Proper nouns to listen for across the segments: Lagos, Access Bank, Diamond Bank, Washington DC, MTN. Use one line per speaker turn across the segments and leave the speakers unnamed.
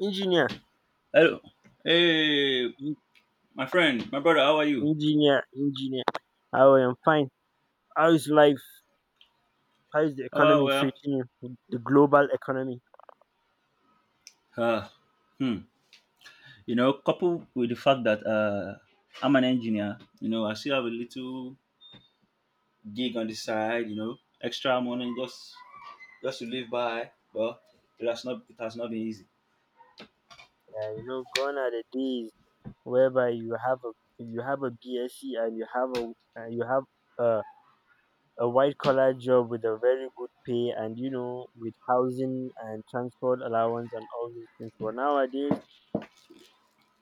Engineer,
Hello. Hey,
en-
my friend, my brother, how are you?
engineer. I am fine. How's life? How's the
Oh,
economy
well.
treating you? The global economy.
Uh, hmm. You know, coupled with the fact that I'm an engineer, you know, I still have a little gig on the side, you know, extra money just to live by. Well, it has not been easy.
Yeah, gone are the days whereby you have a BSc and you have a, a white collar job with a very good pay and with housing and transport allowance and all these things. But nowadays,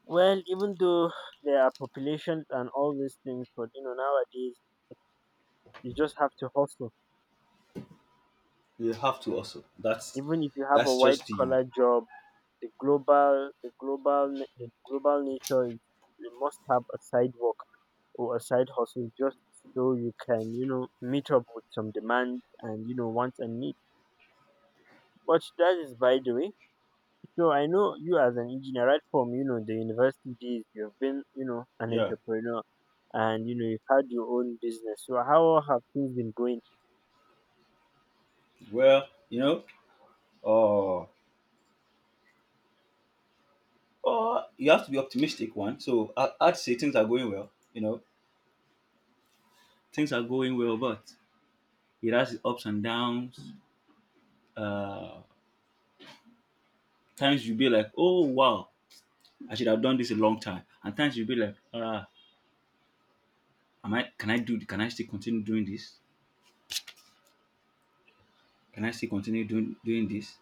well, even though there are populations and all these things, but nowadays you just have to hustle
You have to also. That's
even if you have
that's
a white
just the
collar job, the global nature is you must have a side work or a side hustle just so you can, meet up with some demand and wants and needs. But that is by the way. So I know you as an engineer, right from the university days, you have been, an
yeah.
entrepreneur, and you've had your own business. So how have things been going?
Well, uh, you have to be optimistic one. So I'd say things are going well. You know, things are going well, but it has its ups and downs. Uh, Times you'll be like, oh wow, I should have done this a long time. And times you'll be like, ah, am I? Can I do? Can I still continue doing this? Can I still continue doing this?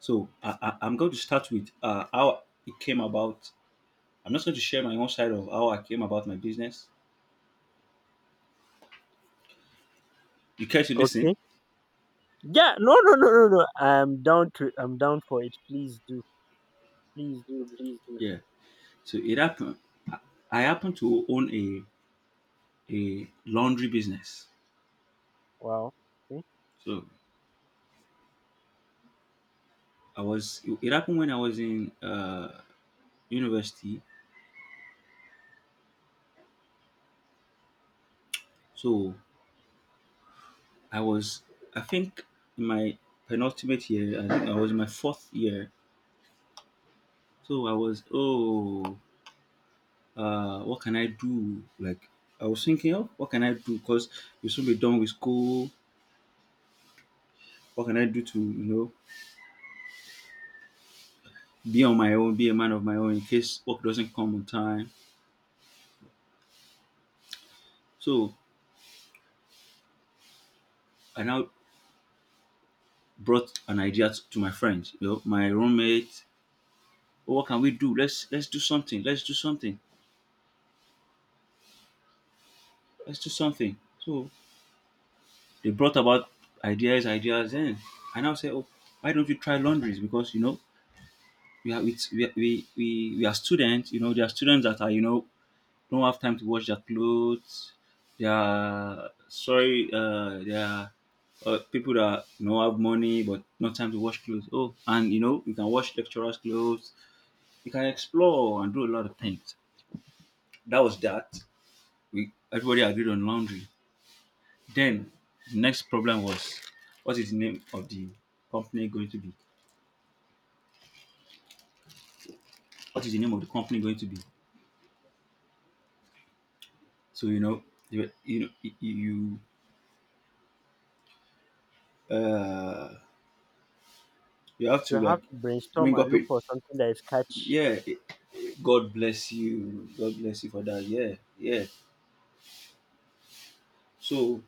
So I'm going to start with how it came about. I'm not going to share my own side of how I came about my business. You care to listen?
Okay. Yeah. No, no, no, no, no, I'm down to. I'm down for it. Please do. Please do, please do.
Yeah. So it happened. I I happen to own a laundry business.
Wow. Okay.
So I was. It happened when I was in university. So I was, I think, in my penultimate year. I think I was in my fourth year. So I was, oh, what can I do? Like I was thinking, oh, what can I do? Because you should be done with school. What can I do to, you know, be on my own, be a man of my own in case work doesn't come on time. So I now brought an idea to my friends, you know, my roommate. Oh, what can we do? Let's do something. Let's do something. Let's do something. So they brought about ideas, and I now say, oh, why don't you try laundries? Because you know we are it's, we are students. You know there are students that are you know don't have time to wash their clothes. They are sorry. They are people that you know have money but not time to wash clothes. Oh, and you know you can wash lecturers' clothes. You can explore and do a lot of things. That was that. We everybody agreed on laundry. Then next problem was what is the name of the company going to be? What is the name of the company going to be? So you know, you you know, you you, uh, you have
You
to
have
like
to brainstorm
bring
and
up
look
it.
for something that is catch.
Yeah, God bless you. God bless you for that. Yeah, yeah. So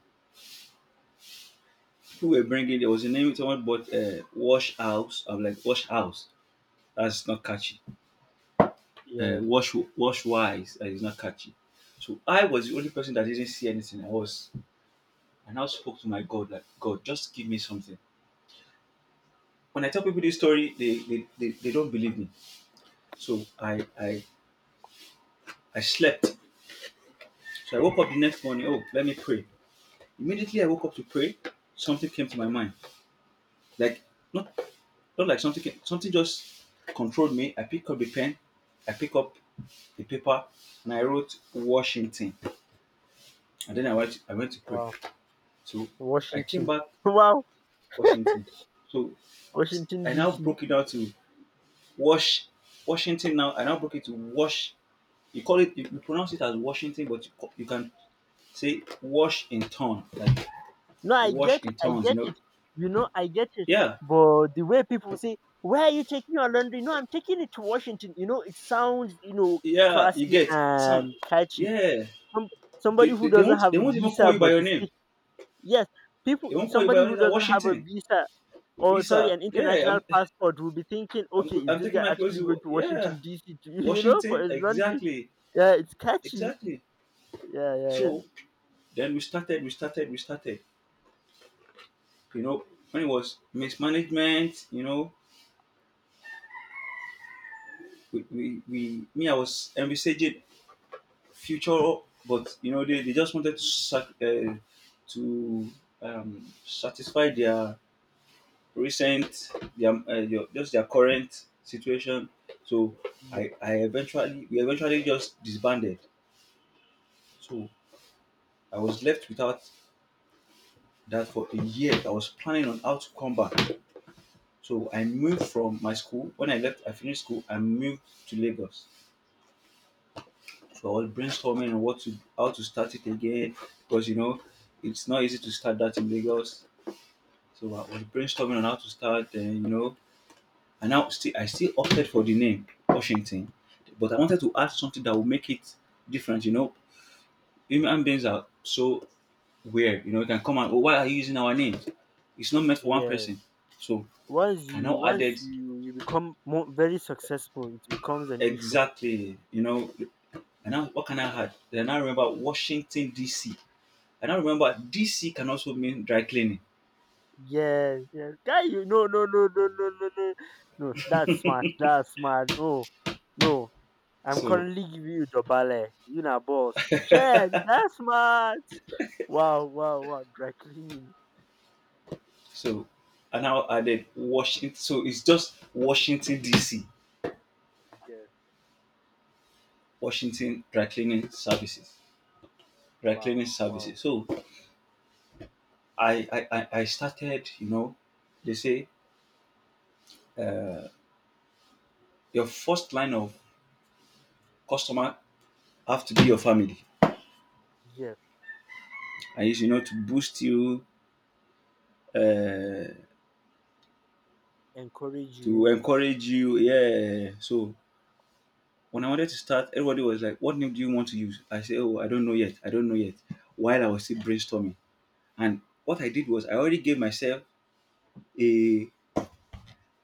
people were bringing. There was a name someone bought. Wash house. I'm like wash house. That's not catchy.
Yeah.
Wash wise. That is not catchy. So I was the only person that didn't see anything. I was I now spoke to my God, like, God, just give me something. When I tell people this story, they don't believe me. So I slept. So I woke up the next morning, oh, let me pray. Immediately I woke up to pray, something came to my mind. Like not not like something came, something just controlled me. I picked up the pen, I picked up the paper, and I wrote Washington. And then I went to pray.
Wow.
So I came
Washington.
back
Wow.
Washington. So
Washington
I now
DC.
broke it down to Wash Washington now. I now broke it to wash. You call it. You pronounce it as Washington, but you can say wash in ton, like
No, I get
wash in
it. I
tons. You
get
know.
it. I get it.
Yeah,
But the way people say, "Where are you taking your laundry?" No, I'm taking it to Washington. It sounds
yeah. You
classy
get son.
and catchy.
Yeah.
Some, Somebody who doesn't
They
have a
won't even call
visa
you by
but
your
is
name.
sick. Yes,
They
people.
won't call you by
Somebody
your name.
who
It's like
doesn't have a
Washington,
visa, or sorry,
Visa.
an
Yeah.
international passport, will be thinking, okay, is
I'm
this
taking
guy
my clothes
actually
to.
going to
Yeah.
Washington DC to for
Washington.
his laundry?
Exactly.
Yeah, it's catchy.
Exactly.
Yeah, yeah, yeah.
So then we started. We started. We started. You know when it was mismanagement. You know we me I was envisaging future, but you know they just wanted to to satisfy their recent their just their current situation. So
Yeah,
I eventually we eventually just disbanded. So I was left without that for a year. I was planning on how to come back. So I moved from my school. When I left, I finished school. I moved to Lagos for all brainstorming on what to how to start it again because you know it's not easy to start that in Lagos. So I was brainstorming on how to start, and you know, and now still I still opted for the name Washington, but I wanted to add something that would make it different. You know, human beings are so weird. You know, you can come and oh, why are you using our names? It's not meant for one
yeah.
person. So
Once
I
you
now
once
added
you, you become more very successful, it becomes an issue.
exactly. You know, and now what can I add? Then I remember Washington D.C. And I remember DC can also mean dry cleaning.
Yes, yes. Guy, you no no no no no no no. No, that's smart. That's smart. No. No. I'm
So,
currently giving you the ballet. You na boss. Shit, that's smart. Wow, wow, wow. Dry clean.
so, and now added Washington. So it's just Washington DC,
Yes.
Washington Dry Cleaning Services, Dry Cleaning
Wow.
Services.
Wow.
So I started, you know, they say uh, your first line of customer have to be your family.
Yes,
I used, you know, to boost you, uh,
encourage you, you
to
know,
encourage you. Yeah. So when I wanted to start, everybody was like, what name do you want to use? I said, oh, I don't know yet. I don't know yet. While I was still brainstorming. And what I did was a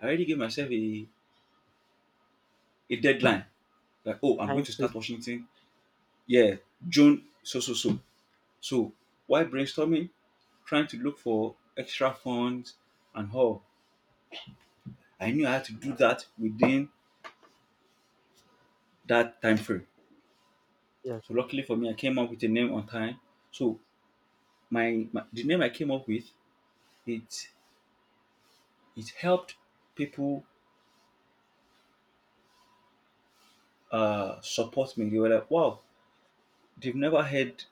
I already gave myself a deadline. Like, oh, I'm going
Time
to
free.
start Washington. Yeah, June so so so. So while brainstorming, trying to look for extra funds and all. I knew I had to do that within that time frame.
Yes,
So luckily for me, I came up with a name on time. So my the name I came up with it it helped people support me. They were like, wow, they've never heard,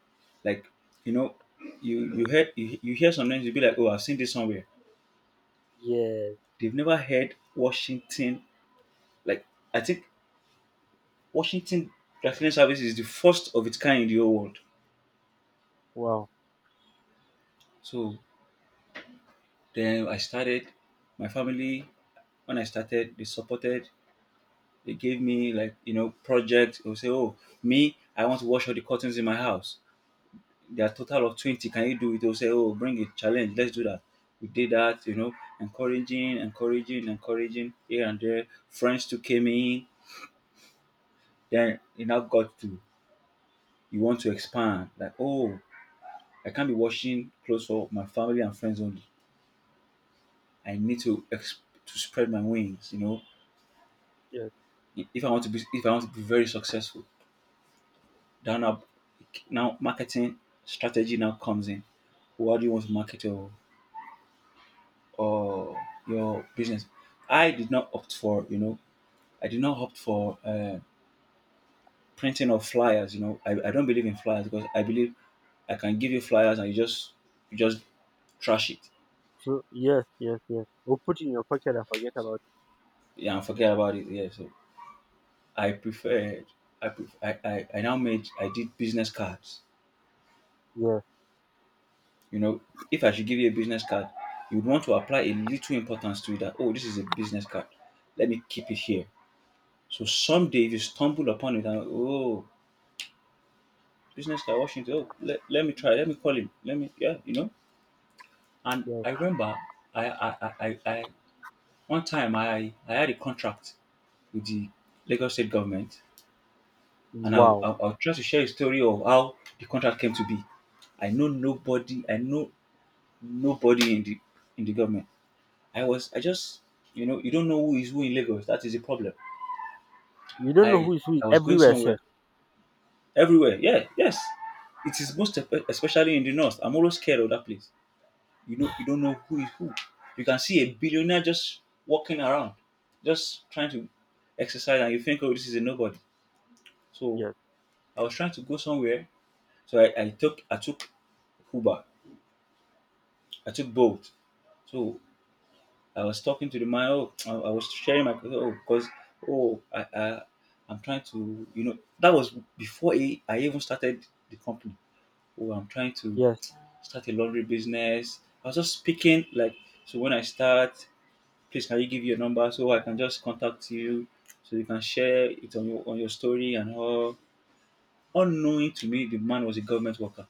like, you know, you hear sometimes you'll be like, oh, I've seen this somewhere.
yes,
They've never heard Washington. Like, I think Washington Raffinery Service is the first of its kind in the whole world.
wow,
So then I started my family. When I started, they supported. They gave me like you know projects. They would say, oh, me, I want to wash all the curtains in my house. There are total of 20. Can you do it? They'll say, oh, bring it challenge. Let's do that. We did that. You know, encouraging here and there. Friends too came in. Then it now got to you want to expand. Like, oh, I can't be watching close for my family and friends only. I need to to spread my wings, you know.
yes,
If I want to be if I want to be very successful down up now now marketing strategy now comes in. What do you want to market your or your business? I did not opt for, you know, I did not opt for printing of flyers. You know, I don't believe in flyers because I believe I can give you flyers and you just trash it.
true. Yes, yes, yes. Or put in your pocket and forget about it.
Yeah, and forget about it. Yeah, so I preferred I, pref- I now made I did business cards.
Yes,
You know, if I should give you a business card, you would want to apply a little importance to it that oh this is a business card. Let me keep it here. So someday if you stumble upon it and oh business guy Washington. Oh, let, let me try. Let me call him. Let me, yeah, you know. And
yes,
I remember, I, I, I, I I- one time I had a contract with the Lagos state government, and
wow.
I'll try to share a story of how the contract came to be. I know nobody. I know nobody in the government. I was, I just, you know, you don't know who is who in Lagos. That is the problem.
You don't know
I,
who is
I was going
everywhere, sir.
somewhere, everywhere. Yeah, yes. It is most especially in the north. I'm always scared of that place. You know, you don't know who is who. You can see a billionaire just walking around, just trying to exercise, and you think, oh, this is a nobody. So
Yes,
I was trying to go somewhere, so I took Uber, I took Bolt. So I was talking to the man. Oh, I was sharing my oh, because oh, I'm trying to you know that was before I even started the company. Oh, I'm trying to
yes,
start a laundry business. I was just speaking like so when I start, please can you give your number so I can just contact you so you can share it on your story and all. Unknowing to me, the man was a government worker.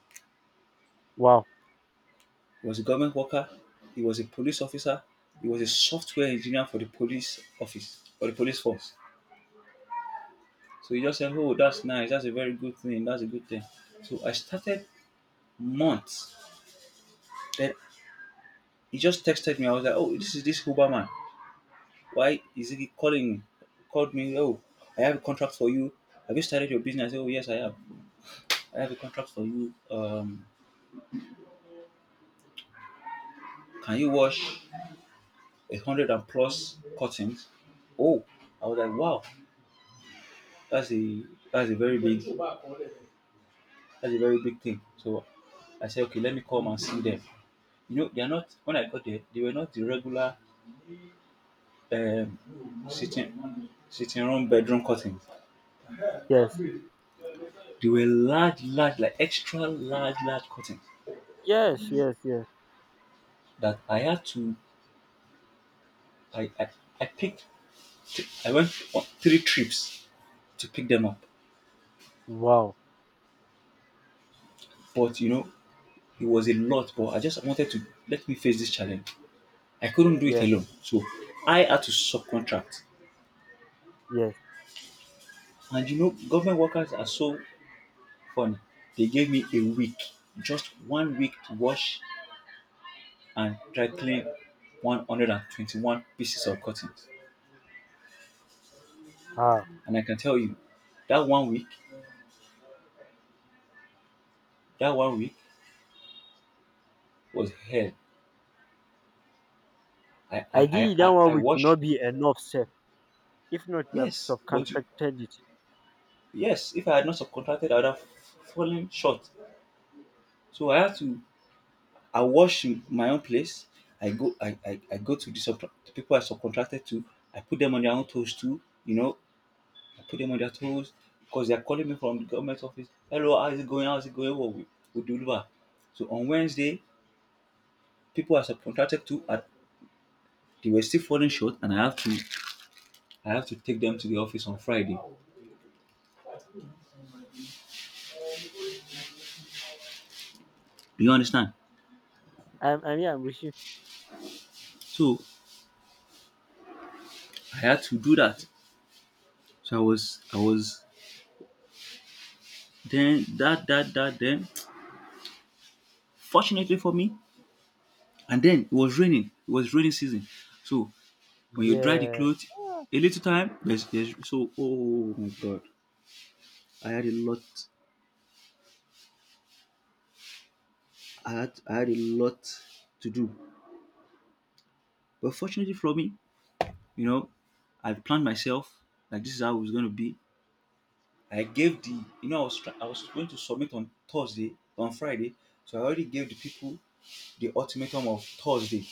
wow,
He was a government worker. He was a police officer. He was a software engineer for the police office or the police force. So he just said, "Oh, that's nice. That's a very good thing. That's a good thing." So I started months. Then he just texted me. I was like, "Oh, this is this Uber man. Why is he calling me? Called me. Oh, I have a contract for you. Have you started your business?" I said, "Oh, yes, I have. I have a contract for you. Can you wash 100 and plus curtains?" Oh, I was like, wow, that's a that's a very big that's a very big thing. So I said, okay, let me come and see them. You know, they're not. When I got there, they were not the regular um, sitting room bedroom curtains.
yes,
They were large, large, like extra large, large curtains
yes, yes, yes,
that I had to. I I, I picked. I went on three trips to pick them up,
wow,
but you know, it was a lot, but I just wanted to let me face this challenge. I couldn't do it
yes,
alone, so I had to subcontract.
yes.
And you know, government workers are so funny. They gave me a week, just one week to wash and dry clean 121 pieces of cotton.
Ah,
And I can tell you, that one week, that one week was hell. I I I,
ideally, that
I,
one
I
week will
washed.
not be enough, sir. If not, we have
Yes,
subcontracted it.
if I had not subcontracted, I would have fallen short. So I had to. I wash in my own place. I go to the people I subcontracted to. I put them on their own toes too. You know, I put them on their toes because they're calling me from the government office. "Hello, how is it going? How is it going? What we deliver." So on Wednesday, people I subcontracted to are they were still falling short, and I have to take them to the office on Friday. Do you understand?
I'm here, I'm with you.
So I had to do that. So I was then that then. Fortunately for me, and then it was raining. It was raining season. So when you dry the
Yeah,
clothes, a little time, there's so, oh my god. I had a lot I had a lot to do. But fortunately for me, you know, I planned myself like this is how it was gonna be. I gave the I was going to submit on Thursday on Friday, so I already gave the people the ultimatum of Thursday,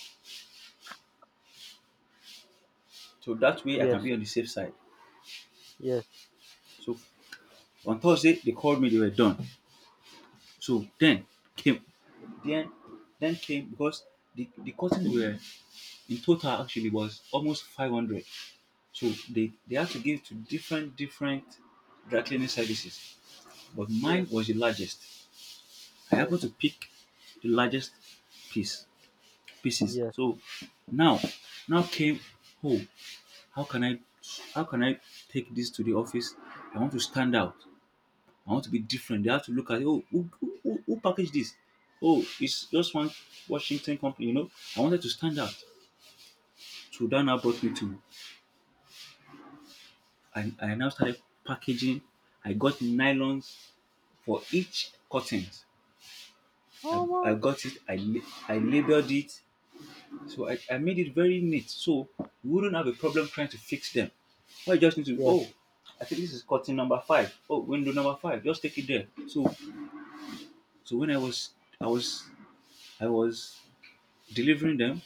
so that way I can
yes,
be on the safe side.
yes,
So on Thursday they called me, they were done. So came then then came because the, cotton were in total actually was almost 500, so they had to give to different dry cleaning services, but
yes,
mine was the largest. I
yes,
happened to pick the largest piece pieces.
yes.
So now, came, oh, how can i how can I take this to the office? I want to stand out. I want to be different. They have to look at, "Oh, who packaged this? Oh, it's just one Washington company, you know." I wanted to stand out. So that now brought me to, I now started packaging. I got nylons for each curtains. I
Mama.
got it. I labeled it. So I made it very neat, so you wouldn't have a problem trying to fix them. Well, you just need to,
Yes,
oh, I think this is curtain number five. Oh, window number five. Just take it there. So when I was I was delivering them,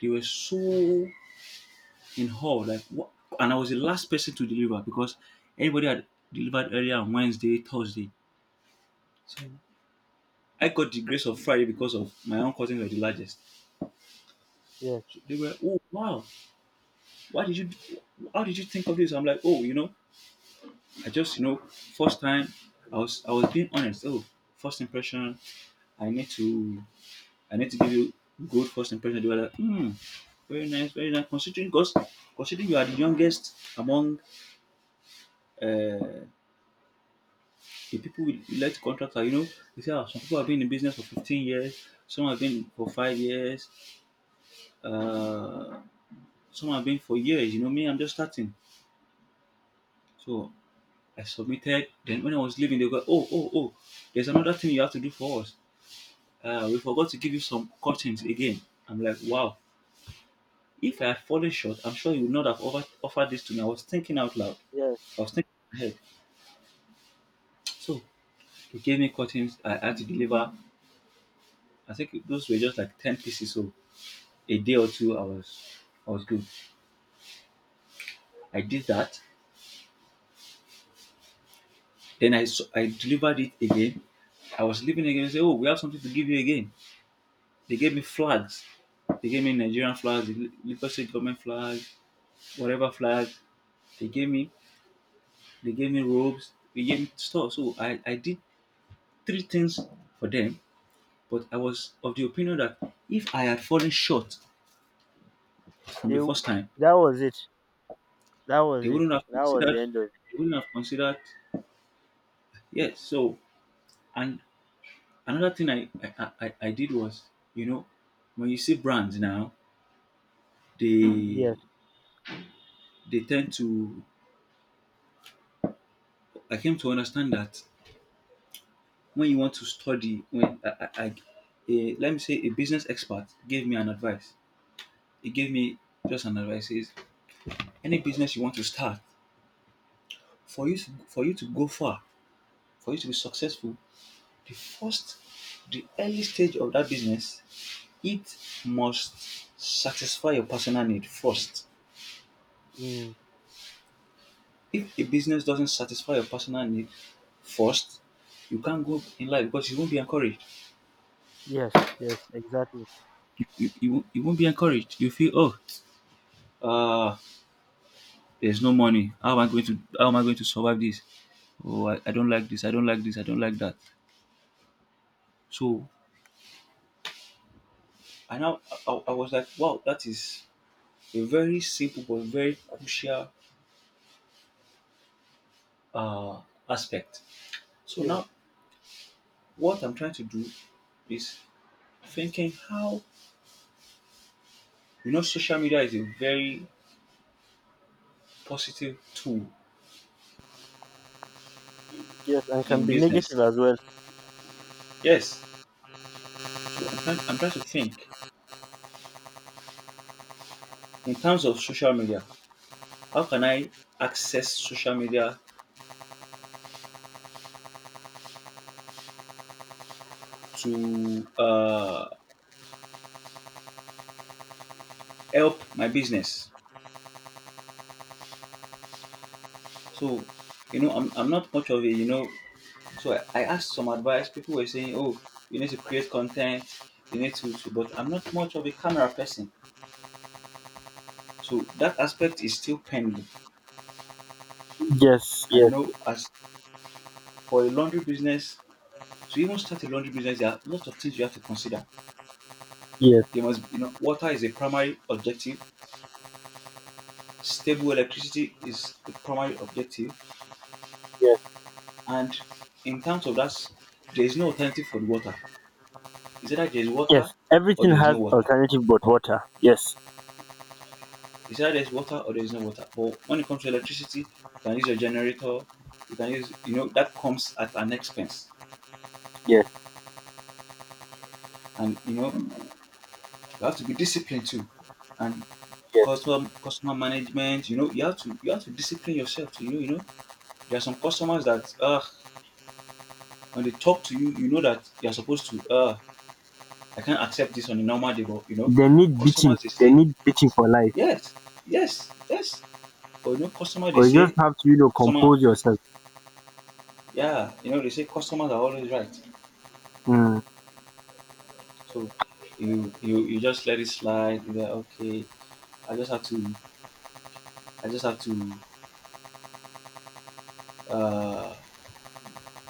they were so in awe, like, "What?" And I was the last person to deliver because everybody had delivered earlier on Wednesday, Thursday. So I got the grace of Friday because of my own cousins were the largest.
yes,
So they were, "Oh wow, why did you? Do- how did you think of this?" I'm like, "Oh, you know, I just, you know, first time, I was being honest. Oh, first impression, I need to I need to give you good first impression." They were like, "Hmm, very nice, very nice. Considering, because considering you are the youngest among uh, the people will elect contractor. You know, you see, how some people have been in business for 15 years, some have been for 5 years, uh, some have been for years. You know, me, I'm just starting." So I submitted. Then when I was leaving, they go, "Oh, oh, oh, there's another thing you have to do for us. We forgot to give you some curtains again." I'm like, "Wow. If I had fallen short, I'm sure you would not have offered this to me." I was thinking out loud.
yes.
I was thinking ahead. So they gave me curtains. I had to deliver. I think those were just like 10 pieces. So a day or two, I was good. I did that. Then I delivered it again. I was leaving again. They say, "Oh, we have something to give you again." They gave me flags. They gave me Nigerian flags, the Lagos State government flag, whatever flag. They gave me. They gave me robes. They gave me stuff. So I did three things for them. But I was of the opinion that if I had fallen short from
They
the
w-
first time,
that was it. That
they
was it.
wouldn't have
That was
considered.
the end of it.
They wouldn't have considered. Yes. So, and another thing I did was, you know, when you see brands now, they
Yes.
they tend to. I came to understand that when you want to study, when I a, let me say a business expert gave me an advice. He gave me just an advice. He says any business you want to start, for you to go far, for you to be successful, the first, the early stage of that business, it must satisfy your personal need first.
Mm.
If a business doesn't satisfy your personal need first, you can't go in life because you won't be encouraged.
Yes. Yes. Exactly.
You won't be encouraged. You feel, "Oh, uh, there's no money. How am I going to survive this? Oh, I don't like this. I don't like this. I don't like that." So I now I was like, wow, that is a very simple but very crucial uh, aspect. So
Yes.
now what I'm trying to do is thinking how, you know, social media is a very positive tool
Yes. And can
in
be negative
business.
as well.
Yes. So I'm trying to think in terms of social media, how can I access social media to help my business? So, you know, I'm not much of a, you know, so I asked some advice. People were saying, "Oh, you need to create content, you need to, but I'm not much of a camera person." So that aspect is still pending.
Yes.
And, you
Yes.
know, as for a laundry business, to even start a laundry business, there are lots of things you have to consider. They
Yes.
must, you know, water is a primary objective. Stable electricity is a primary objective.
Yes.
And in terms of that, there is no alternative for the water. It's either there is water
Yes.
or
Everything
there is no
has
water.
alternative but water. Yes.
It's either there is water or there is no water. But when it comes to electricity, you can use your generator. You can use, you know, that comes at an expense.
Yes.
And you know, you have to be disciplined too. And
Yes.
customer management, you know, you have to discipline yourself to, you know. There are some customers that when they talk to you, you know that you're supposed to, I can't accept this on a normal day, but
They need beating.
customers, they
They
say,
need beating for life.
"Yes, yes, yes." But
Or you just have to,
customer,
compose yourself.
yeah, they say customers are always right.
Mm.
So you just let it slide. You're like, okay, I just have to, I just have to uh,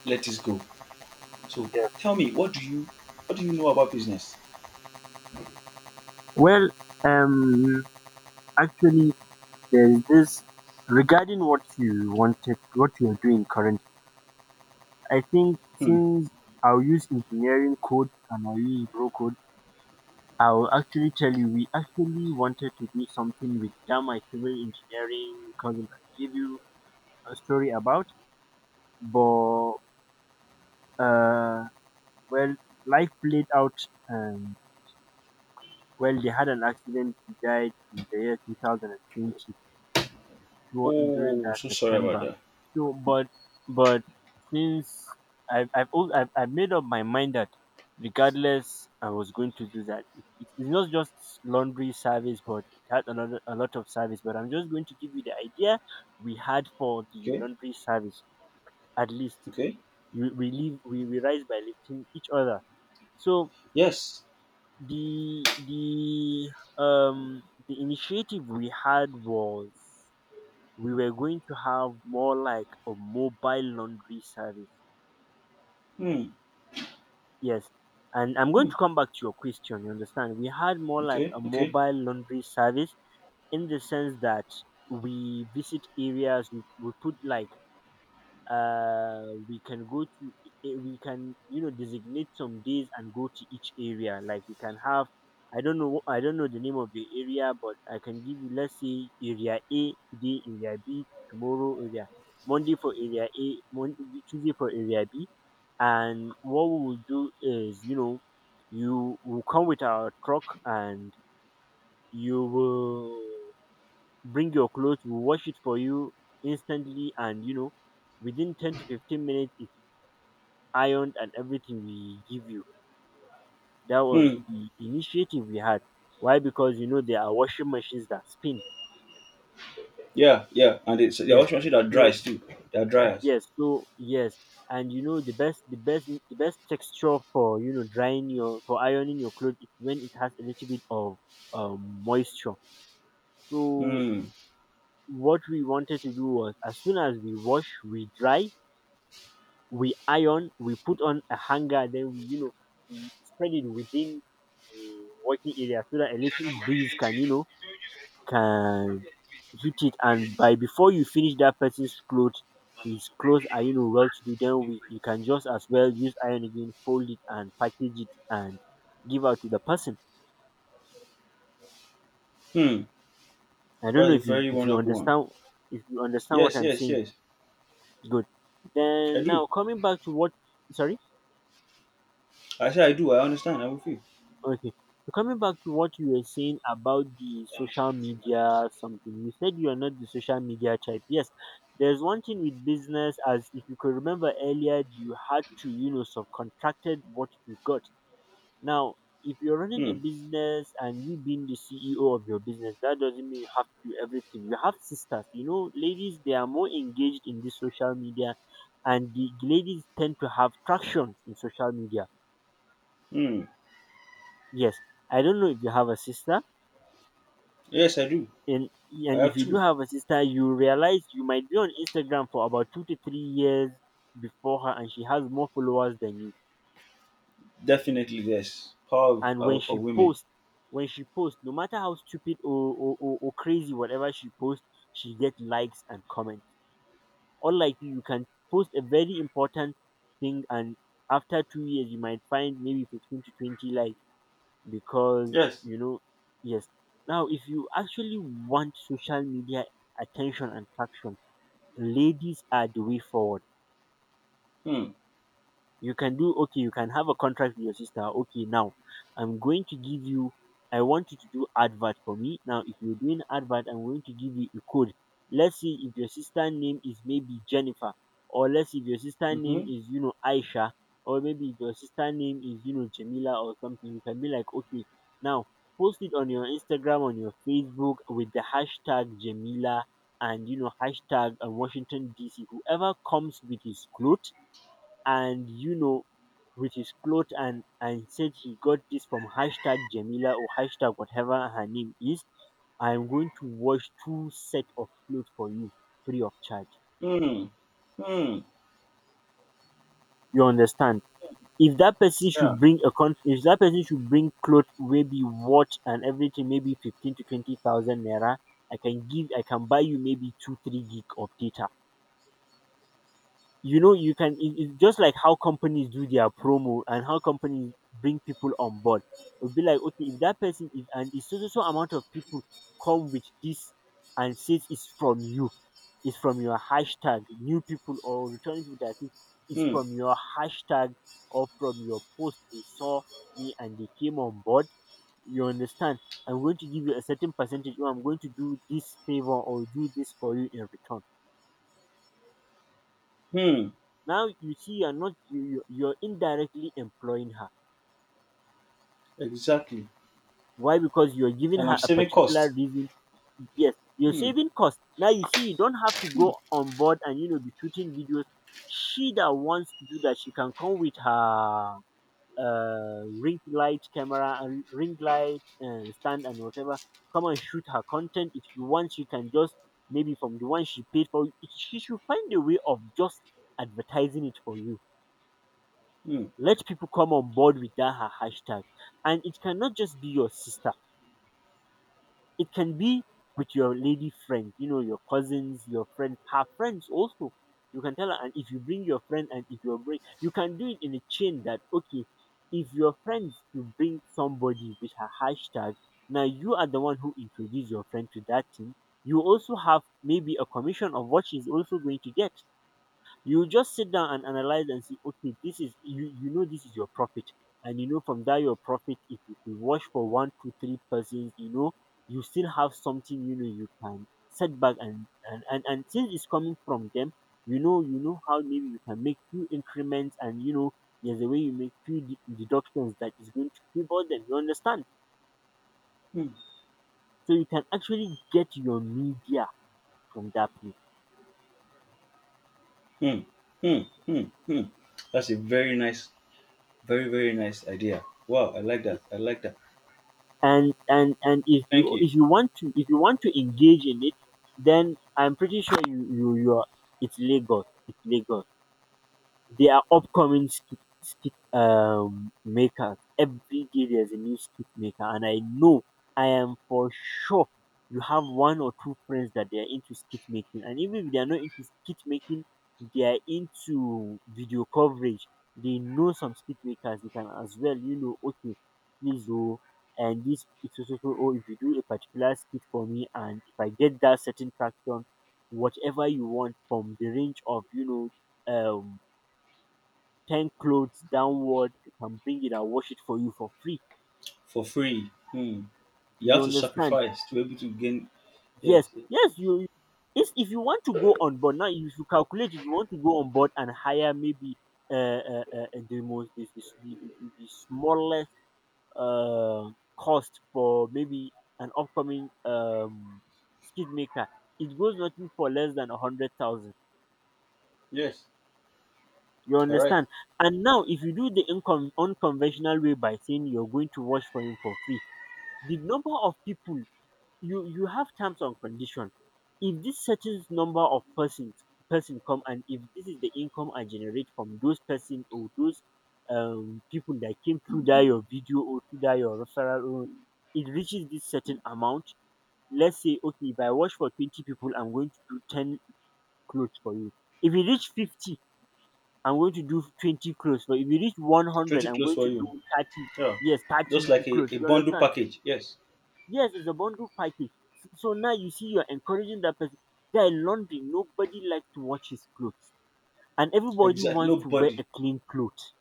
let this go. So
Yes.
tell me, what do you know about business?
Well, um, actually, there's this regarding what you wanted, what you are doing currently. I think
Hmm.
since I'll use engineering code and I'll use bro code, I'll actually tell you we actually wanted to do something with that. My civil engineering cousin can give you a story about, but uh, well, life played out. Well, they had an accident. He died in the year 2020, through during
Oh,
that
so sorry about
September.
that.
So, but since I've, al- I've made up my mind that regardless, I was going to do that. It's not just laundry service, but it had a lot of service. But I'm just going to give you the idea we had for the
Okay,
laundry service. At least
okay,
you, we live we rise by lifting each other. So
yes.
the the the initiative we had was we were going to have more like a mobile laundry service.
Hmm.
Yes. And I'm going
Hmm.
to come back to your question. You understand? We had more like
Okay,
a
okay.
mobile laundry service in the sense that we visit areas, we put, uh we can go to, we can designate some days and go to each area, like we can have. I don't know the name of the area, but I can give you, let's say area A today, area B tomorrow, area Monday for area A, Monday, Tuesday for area B. And what we will do is, you will come with our truck and you will bring your clothes, we'll wash it for you instantly, and within 10 to 15 minutes ironed and everything we give you. That was
Hmm.
the initiative we had. Why? Because there are washing machines that spin.
Yeah, yeah. And it's there are
Yes.
washing machine that
So
dries too. They are dryers.
yes. So yes. And the best texture for drying your for ironing your clothes is when it has a little bit of moisture. So
Hmm.
what we wanted to do was, as soon as we wash, we dry, we iron, we put on a hanger, then we spread it within the working area so that a little breeze can hit it. And by before you finish that person's clothes, his clothes are, well to do. Then, you can just as well use iron again, fold it and package it, and give out to the person.
Hmm.
I don't
That's
know
a
if you
very
if you
wonderful one.
understand if you understand what
Yes,
I'm
yes,
saying.
yes.
Good.
I
Then
do.
now coming back to what. Sorry.
I say I do. I understand. I will feel.
Okay. So coming back to what you were saying about the social media something, you said you are not the social media type. Yes, there's one thing with business. As if you could remember earlier, you had to, subcontracted what you got. Now, if you're running
Hmm.
a business and you being the CEO of your business, that doesn't mean you have to do everything. You have sisters, ladies. They are more engaged in this social media, and the ladies tend to have traction in social media.
Hmm.
Yes. I don't know if you have a sister.
Yes, I do.
and
I
and if
have
you do
two.
have a sister, you realize you might be on Instagram for about 2 to 3 years before her, and she has more followers than you.
Definitely, yes. Power
And when
of
she
women.
posts when she posts no matter how stupid or crazy whatever she posts, she gets likes and comments. Unlike you can post a very important thing, and after 2 years you might find maybe 15 to 20 likes because
Yes.
you know yes. Now, if you actually want social media attention and traction, ladies are the way forward.
Hmm.
You can do, okay? You can have a contract with your sister. Okay, now, I'm going to give you. I want you to do advert for me. Now, if you're doing advert, I'm going to give you a code. Let's see, if your sister name is maybe Jennifer, or let's say if your sister name
Mm-hmm.
is Aisha, or maybe if your sister name is Jamila or something, you can be like, okay, now post it on your Instagram, on your Facebook, with the hashtag Jamila, and hashtag Washington DC, whoever comes with his clothes, and with his clothes, and said he got this from hashtag Jamila or hashtag whatever her name is. I'm going to wash two set of clothes for you free of charge.
Hmm. Hmm.
You understand? If that person
Yeah.
should bring a con if that person should bring clothes, maybe watch and everything, maybe fifteen to twenty thousand naira, I can buy you maybe 2, 3 gig of data. You can, it's just like how companies do their promo and how companies bring people on board. It'll be like, okay, if that person is, and it's so so so amount of people come with this and says it's from you, it's from your hashtag. New people or returning people that think it's
Hmm.
from your hashtag or from your post they saw me, and they came on board. You understand? I'm going to give you a certain percentage, or I'm going to do this favor or do this for you in return.
Hmm.
Now you see, you're not, you, you're indirectly employing her.
Exactly.
Why? Because you're giving
And I'm
her a
saving
particular
cost.
reason. Yes, you're
Hmm.
saving cost. Now you see, you don't have to go on board and be shooting videos. She that wants to do that, she can come with her ring light camera, and ring light stand, and whatever. Come and shoot her content if you want. She can just, maybe from the one she paid for, she should find a way of just advertising it for you.
Hmm.
Let people come on board with that her hashtag. And it cannot just be your sister. It can be with your lady friend, your cousins, your friends, her friends also. You can tell her, and if you bring your friend, and if you bring, you can do it in a chain that, okay, if your friends you bring somebody with her hashtag, now you are the one who introduced your friend to that thing. You also have maybe a commission of what she's also going to get. You just sit down and analyze and see, okay, this is you, you know this is your profit. And from that your profit, if you can wash for one to three persons, you still have something, you can set back and since it's coming from them, how maybe you can make few increments, and there's a way you make few deductions that is going to favor them. You understand?
Hmm.
So you can actually get your media from that place.
Hmm. Hmm. Hmm. Hmm. That's a very nice, very, very nice idea. Wow, I like that. I like that.
And
Thank you.
if you want to if you want to engage in it, then I'm pretty sure you are — it's Lagos, it's Lagos. They are upcoming skit makers. Every day there's a new skit maker, and I know I am for sure you have one or two friends that they are into skit making, and even if they are not into skit making, they are into video coverage. They know some skit makers. They can as well, okay, please do — and this, it's also. Oh, if you do a particular skit for me and if I get that certain traction, whatever you want from the range of, know um ten clothes downward, can bring it and wash it for you for free.
For free. Hmm. You
You
have to
understand?
sacrifice to be able to gain. Yes,
Yes,
yes, yes.
yes. If you want to go on board now, if you calculate, if you want to go on board and hire maybe the most the smallest uh cost for maybe an upcoming skid maker, it goes nothing for less than 100,000.
Yes.
You
All right.
understand? And now, if you do the unconventional way by saying you're going to wash for him for free, the number of people — you have terms and condition. If this certain number of person come, and if this is the income I generate from those person or those people that came through that your video or through that your referral, or it reaches this certain amount — let's say, okay, if I wash for 20 people, I'm going to do 10 clothes for you. If you reach 50, I'm going to do 20 clothes. But if you reach 100,
Pretty
I'm
close
going
for
to
you.
do 30.
Yeah.
Yes, 30
Just like a,
clothes.
a
You
bundle
understand?
package. Yes.
Yes, it's a bundle package. So now you see you're encouraging that person. Guy, laundry, nobody likes to wash his clothes. And everybody
Exactly.
wants to wear
Nobody.
a clean clothes.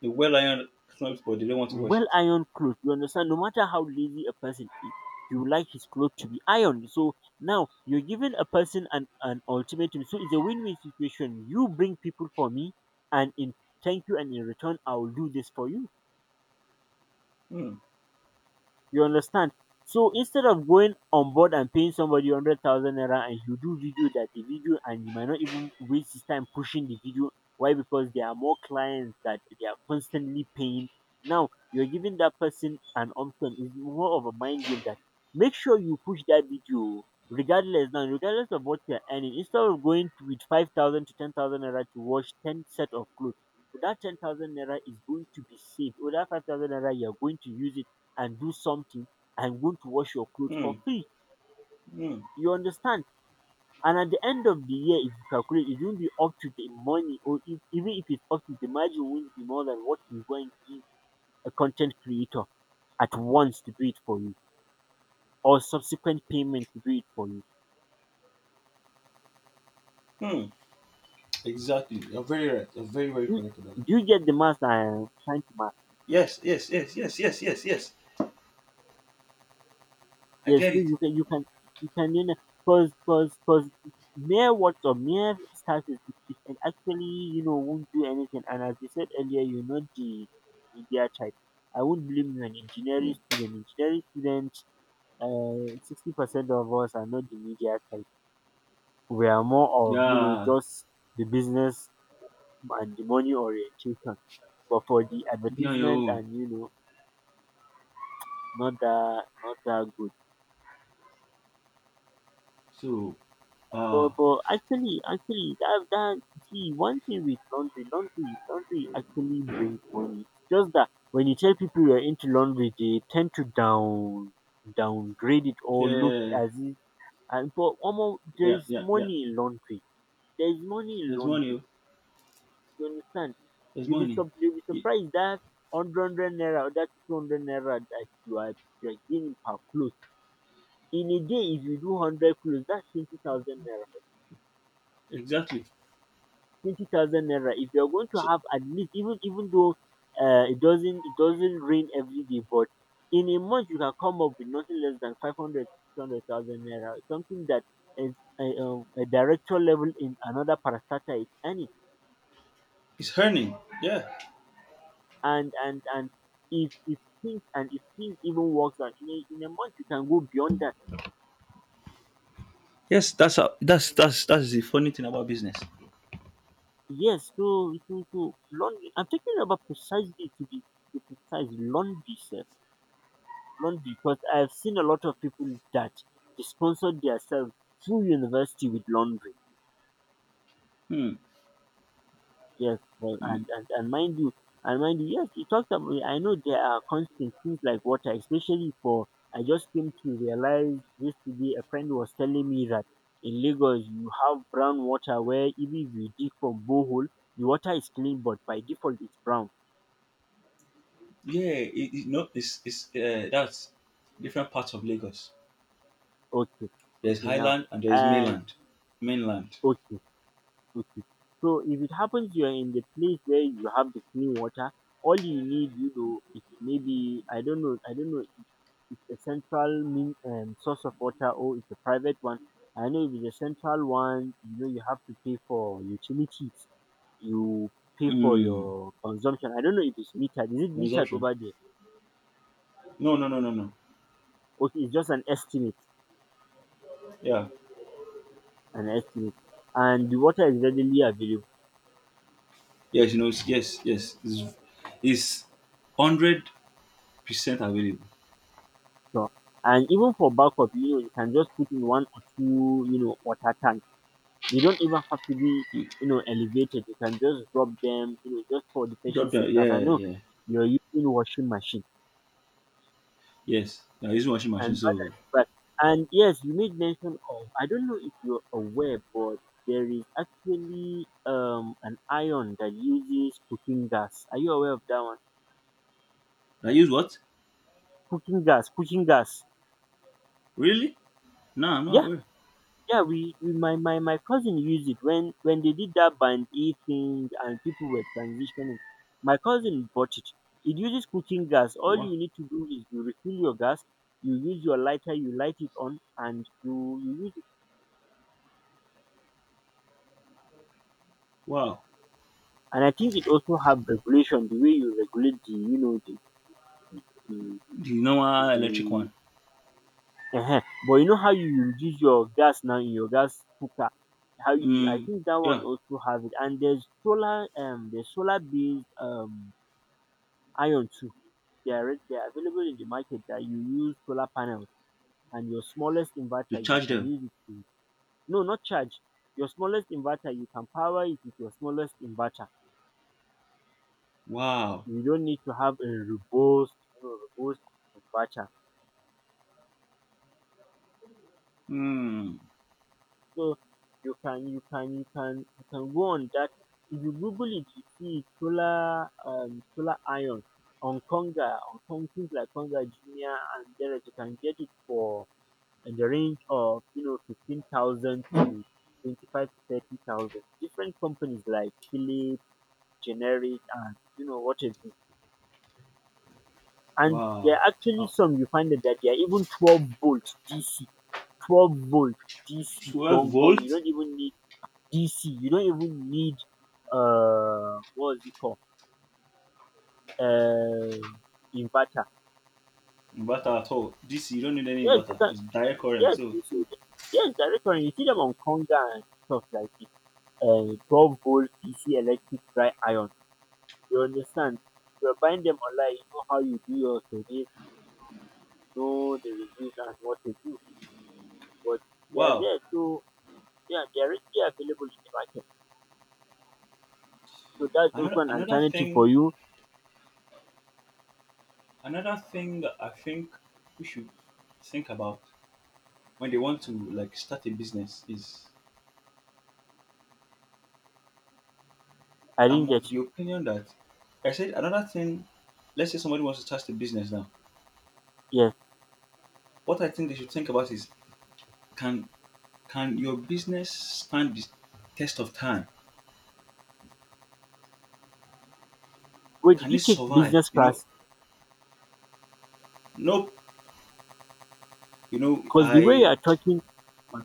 The well iron clothes, but they don't want to wash it.
Well ironed clothes. You understand? No matter how lazy a person is, he would like his clothes to be ironed. So now you're giving a person an ultimatum. So it's a win win situation. You bring people for me, and in thank you, and in return I'll do this for you.
Hmm.
You understand? So instead of going on board and paying somebody 100,000 naira and you do video — that the video — and you might not even waste his time pushing the video. Why? Because there are more clients that they are constantly paying. Now you're giving that person an option. It's more of a mind game that make sure you push that video regardless — now, regardless of what you're earning, instead of going to, with 5,000 to 10,000 naira to wash ten set of clothes, that 10,000 naira is going to be saved. Or that 5,000 naira you're going to use it and do something — I'm going to wash your clothes
Hmm.
for free.
Hmm.
You understand? And at the end of the year, if you calculate, it won't be up to the money, or if, even if it's up to the margin, won't be more than what you're going to give a content creator at once to do it for you, or subsequent payment to do it for you.
Hmm. Exactly. You're very right. You're very, very
Do,
correct about
do
that.
you get the math that I'm trying to—
Yes, yes, yes, yes, yes, yes, yes. I
Yes,
get it.
you can you know cause mere words or mere status, it can actually, won't do anything. And as you said earlier, the media type. I won't blame you, an
Yeah.
engineering student. Engineering students, 60% of us are not the media type. We are more of,
Yeah.
just the business and the money orientation. But for the
Be on your
advertisement,
own.
and not that good.
So,
But
ah.
but actually, that that see, one thing with laundry — laundry, laundry actually brings money. Just that when you tell people you're into laundry, they tend to downgrade it or look
Yeah,
as if, and but almost there
yeah,
is
yeah, yeah.
money in laundry. There is money in
There's money.
laundry.
Oh.
You understand?
There's money.
You'll be
Ye-
surprised that hundred naira or that 200 naira that you're gaining per clothes. In a day, if you do 100 clothes, that's 20,000 naira.
exactly.
20,000 naira — if you're going to
So
have at least, even though it doesn't rain every day, but in a month you can come up with nothing less than 500, 600,000 naira, something that is a director level in another parastatal is earning.
it's earning. Yeah.
And if things even works out in a month, you can go beyond that.
Yes, that's how, that's the funny thing about business.
Yes, so laundry — I'm talking about, precisely, to be precise, laundry, sir. Blunt because I've seen a lot of people that they sponsored themselves through university with laundry.
Hmm.
Yes, well,
Hmm.
and mind you, yes, you talked about. I know there are constant things like water, especially for— I just came to realize yesterday. A friend was telling me that in Lagos you have brown water, where even if you dig from borehole, the water is clean, but by default it's brown.
Yeah. It, no, it's that's different parts of Lagos.
Okay,
There's
okay now,
Highland and there's
and
mainland. Mainland.
okay Okay. So if it happens you're in the place where you have the clean water, all you need, is maybe — I don't know, if it's a central mean, source of water or it's a private one. I know if it's a central one, you have to pay for utilities. You pay for
Hmm.
your consumption. I don't know if it's metered. Is it metered
Consumption.
over there?
No, no, no, no, no.
Okay, it's just an estimate,
Yeah.
an estimate, and the water is readily available.
Yes, you know. Yes, yes. It's 100% available.
So, and even for backup, you can just put in one or two, water tanks. You don't even have to be,
Hmm.
elevated. You can just drop them, just for the
Drop
patient's sake.
down.
As I
Yeah,
know,
yeah.
you're using washing machine
Yes, I use washing machine.
and
So
others. But and yes, you made mention of— I don't know if you're aware, but there is actually an iron that uses cooking gas. Are you aware of that one?
I use what?
Cooking gas, cooking gas.
Really? No, I'm not aware.
Yeah, we my cousin used it when they did that band aid thing and people were transitioning. My cousin bought it. It uses cooking gas. All
Wow.
you need to do is you refill your gas. You use your lighter, you light it on and you use it.
Wow.
And I think it also have regulation, the way you regulate the, the,
The normal
the,
electric
the
one.
but you know how you reduce your gas now in your gas cooker — how you — I
Mm,
think that one
yeah,
also have it. And there's solar, there's solar based, iron too. They are, available in the market that you use solar panels and your smallest
to
inverter — you
charge
can
them.
use it to — no, not charge. Your smallest inverter — you can power it with your smallest inverter.
Wow.
You don't need to have a robust, robust inverter.
Mm,
So you can go on that. If you google it, you see solar, solar iron on Conga, on things like Conga Junior, and there you can get it for, in the range of, 15,000 to 25 to 30,000. Different companies like Philips, Generic, and you know what is it? And there
wow.
are actually
A
some you find that they are even 12 volt DC, 12-volt DC
12
gong gong. You
volt
don't even need DC. You don't even need what is it called? Uh, inverter.
inverter at all. This, you don't need any
Yes, you
inverter.
can.
It's direct current.
Yes,
So
you see. Yes, directly. You see them on Conga and stuff like this, 12 volt DC electric dry iron. You understand? If you find them online, you know how you do your survey, know the reviews and what they do, but they are
wow.
there. So yeah, they are readily available in the market. So that's just
Another
one
another
alternative for
thing
you.
another thing that I think we should think about when they want to like start a business is.
I didn't
I'm of
get
the
you.
opinion that I said another thing. Let's say somebody wants to start a business now.
Yes.
What I think they should think about is, can can your business stand the test of time?
Wait, did
Can
you
it
take
survive?
business
You know,
class?
nope. You know,
Cause the way you
I
are talking,
my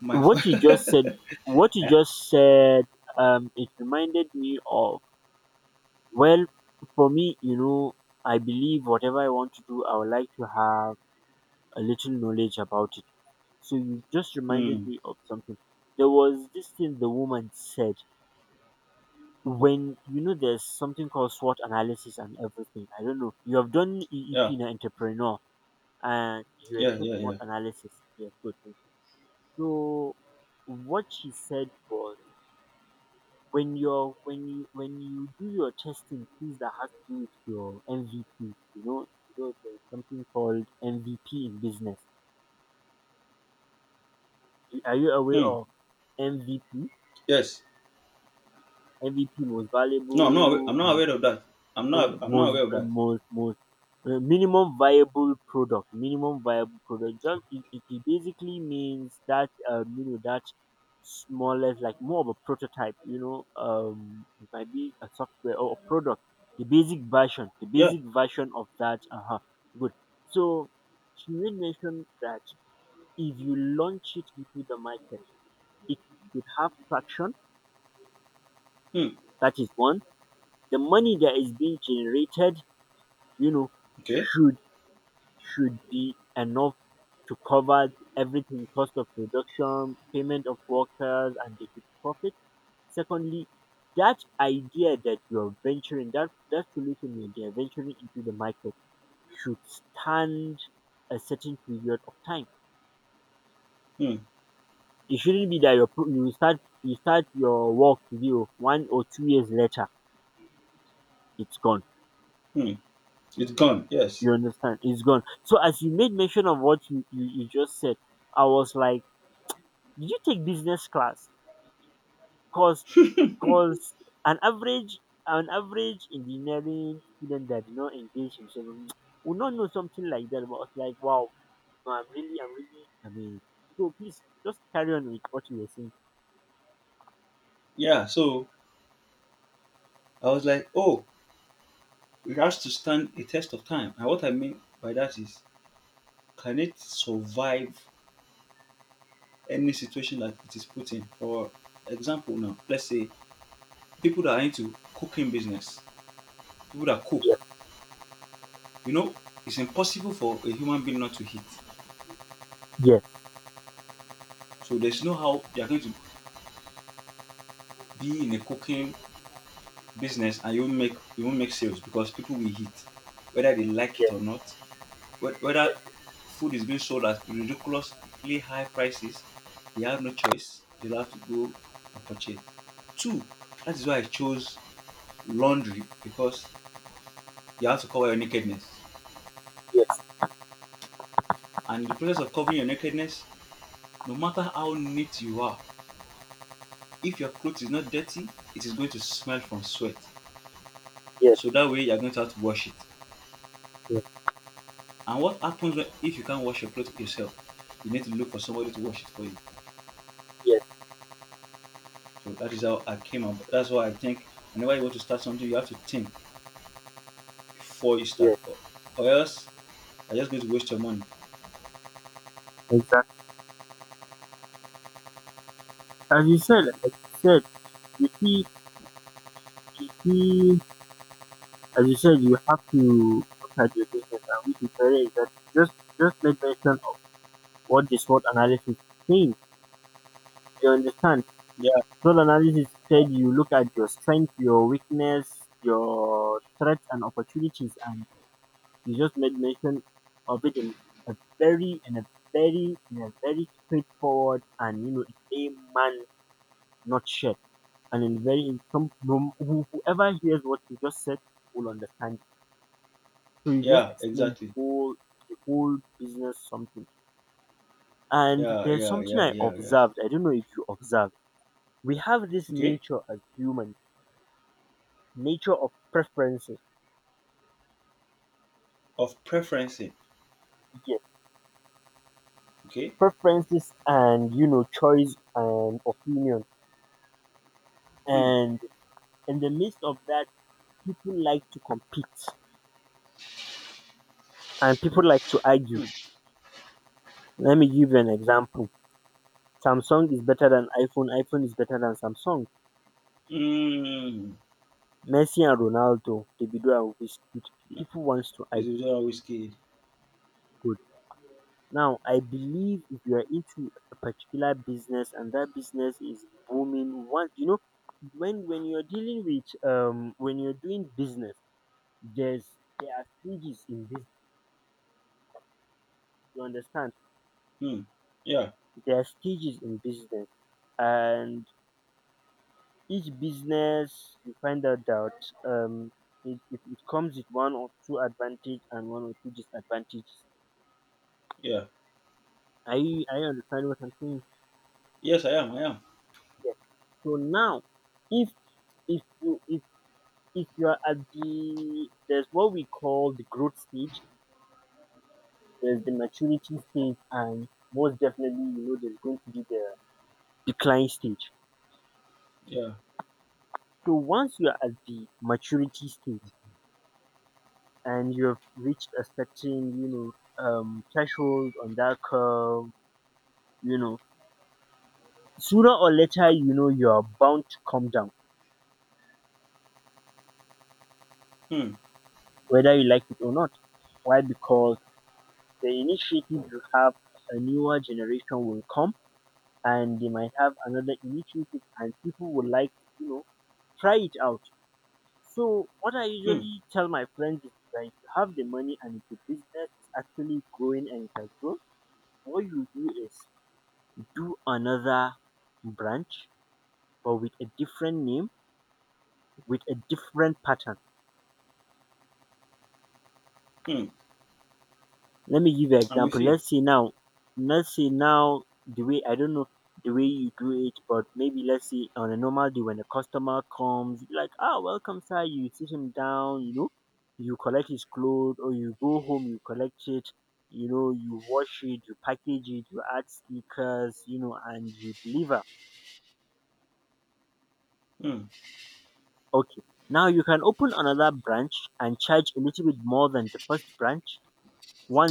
my
what you just said what you
yeah,
just said it reminded me of, well, for me, you know, I believe whatever I want to do, I would like to have a little knowledge about it. So you just reminded
mm,
me of something. There was this thing the woman said, when you know there's something called SWOT analysis and everything. I don't know. You have done
yeah,
EEP in an entrepreneur, and you were
yeah,
taught
yeah,
SWOT
yeah.
analysis. Yes, good. Thank you. So what she said was, when you do your testing, things that has to do with your MVP, you know, there's something called MVP in business. Are you aware
Hmm.
of MVP?
Yes.
MVP, most
No, I'm not.
valuable,
I'm not aware of that. I'm not
most
aware of that.
most minimum viable product. Minimum viable product. Just it basically means that you know, that smallest, like more of a prototype. You know, it might be a software or a product. The
Yeah.
basic version of that. Uh huh. Good. So she made mention that if you launch it into the market, it should have traction.
Hmm.
That is one, the money that is being generated, you know,
Okay.
should should be enough to cover everything: cost of production, payment of workers, and the profit. Secondly, that idea that you're venturing, that solution that you're venturing into the market, should stand a certain period of time.
Hmm.
It shouldn't be that you start your work, zero one or two years later, it's gone.
Hmm. It's gone. Yes.
You understand? It's gone. So as you made mention of what you just said, I was like, did you take business class? Cause cause an average an average engineering student that did not engage himself would not know something like that. But I was like, wow, no, I'm really amazed. So please just carry on with what you were saying.
Yeah. So I was like, oh. It has to stand a test of time. And what I mean by that is, can it survive any situation that it is put in? For example, now, let's say people that are into cooking business, people that cook,
Yes,
you know, it's impossible for a human being not to eat.
yes,
So there's no how you're going to be in a cooking business and you won't make sales because people will eat, whether they like it
yes,
or not. Whether
yes,
food is being sold at ridiculously high prices, they have no choice. They'll have to go and purchase. Two, that is why I chose laundry because you have to cover your nakedness.
yes,
And in the process of covering your nakedness, no matter how neat you are, if your clothes is not dirty, it is going to smell from sweat.
yes,
So that way you're going to have to wash it.
yes,
And what happens when, if you can't wash your clothes yourself? You need to look for somebody to wash it for you.
yes,
So that is how I came up. That's why I think whenever you want to start something, you have to think before you start,
yes.
or else you're just going to waste your money.
Exactly. As you said, as you said, you see you see as you said, you have to look at your business and we declare is that, just make mention of what the SWOT analysis means. You understand?
Yeah,
SWOT analysis said you look at your strength, your weakness, your threats and opportunities, and you just made mention of it in a very in a very straightforward, and you know, a man not shared, and in very in some whoever hears what you just said will understand. So you just
yeah,
explained
exactly.
whole the whole business something. And
Yeah,
there's
yeah,
something
yeah,
I
yeah, yeah.
observed. I don't know if you observed. We have this
Okay.
nature as humans, nature of preferences.
Of preferencing.
Yes,
Okay.
preferences, and you know, choice and opinion.
Hmm.
And in the midst of that, people like to compete and people like to argue.
Hmm.
Let me give you an example. Samsung is better than iPhone. iPhone is better than Samsung.
Mm.
Messi and Ronaldo, Davido and Wizkid. People wants to
Is
argue.
it a whiskey?
Now, I believe if you are into a particular business and that business is booming, one, you know, when you're dealing with when you're doing business, there's there are stages in business. You understand?
Hmm. Yeah.
There are stages in business, and each business, you find out that um it comes with one or two advantage and one or two disadvantages.
Yeah.
I understand what I'm saying
Yes, I am.
here. So now, if if you if if you are at the, there's what we call the growth stage, there's the maturity stage, and most definitely, you know, there's going to be the decline stage.
Yeah.
So once you are at the maturity stage and you have reached a certain, you know, threshold on that curve, you know, sooner or later, you know, you are bound to come down,
Hmm.
whether you like it or not. Why? Because the initiative you have, a newer generation will come and they might have another initiative, and people would like to, you know, try it out. So what I
Hmm.
usually tell my friends is that if you have the money, and if the business is actually growing and it has grown, what you do is to do another branch, but with a different name, with a different pattern.
Hmm.
Let me give you an
I'm with
example.
you.
Let's say now, the way, I don't know the way you do it, but maybe let's say on a normal day when a customer comes, you be like, ah, welcome sir, you sit him down, you know, you collect his clothes, or you go home, you collect it, you know, you wash it, you package it, you add stickers, you know, and you deliver.
Hmm.
Okay. Now you can open another branch and charge a little bit more than the first branch.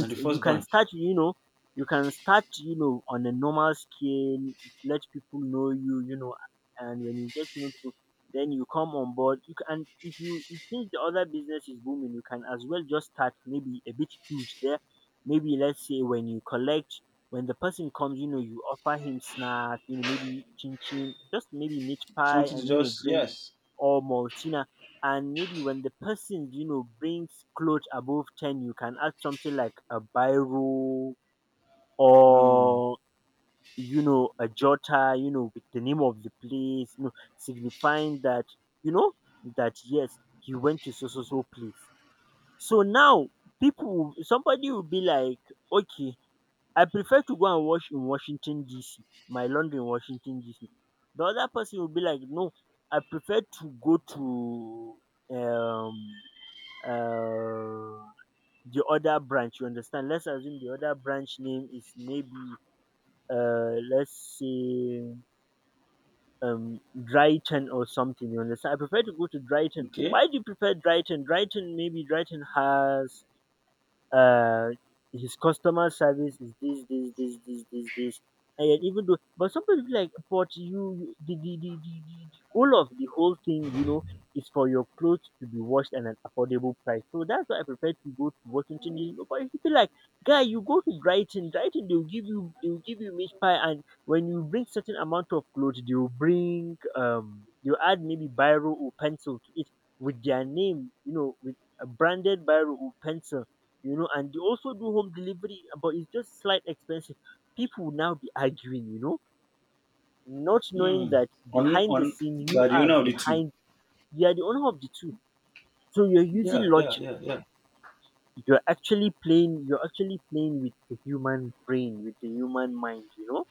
And the first branch.
you can start, you know, on a normal scale, let people know you, you know, and when you get to know people, then you come on board. You can, if you if since the other business is booming, you can as well just start maybe a bit huge there. Maybe let's say when you collect when the person comes, you know, you offer him snack, you know, maybe chin chin, just maybe meat pie,
Something to
and you know,
just
drink
yes.
or maltina. And maybe when the person, you know, brings clothes above 10, you can add something like a biro,
Hmm.
or you know, a jotter, you know, with the name of the place, you know, signifying that, you know, that yes, he went to so so so place. So now, people, somebody will be like, okay, I prefer to go and wash in Washington DC, my laundry in Washington DC. The other person go be like, no, I prefer to go to, um um the other branch, you understand. Let's assume the other branch name is maybe, let's say, Brighton or something, you understand, I prefer to go to Brighton.
Okay.
Why do you prefer Brighton? Brighton, maybe Brighton has, uh his customer service is this this this this this this, and yet even though, but somebody will be like, but the the goal of the whole thing, you know, is for your clothes to be washed at an affordable price. So that's why I prefer to go to Washington DC. But if you feel like, guy, you go to Brighton, Brighton, they'll give you, they'll give you meat pie, and when you bring certain amount of clothes, they'll bring, you add maybe biro or pencil to it with their name, you know, with a branded biro or pencil, you know, and they also do home delivery, but it's just slight expensive. People will now be arguing, you know, not knowing
Mm.
that
On
behind the
on
scene, you are
Guardiola of the two.
behind. You are the owner of the two, so you're using
Yeah, yeah,
logic.
yeah, yeah.
You're actually playing. You're actually playing with the human brain, with the human mind. You know.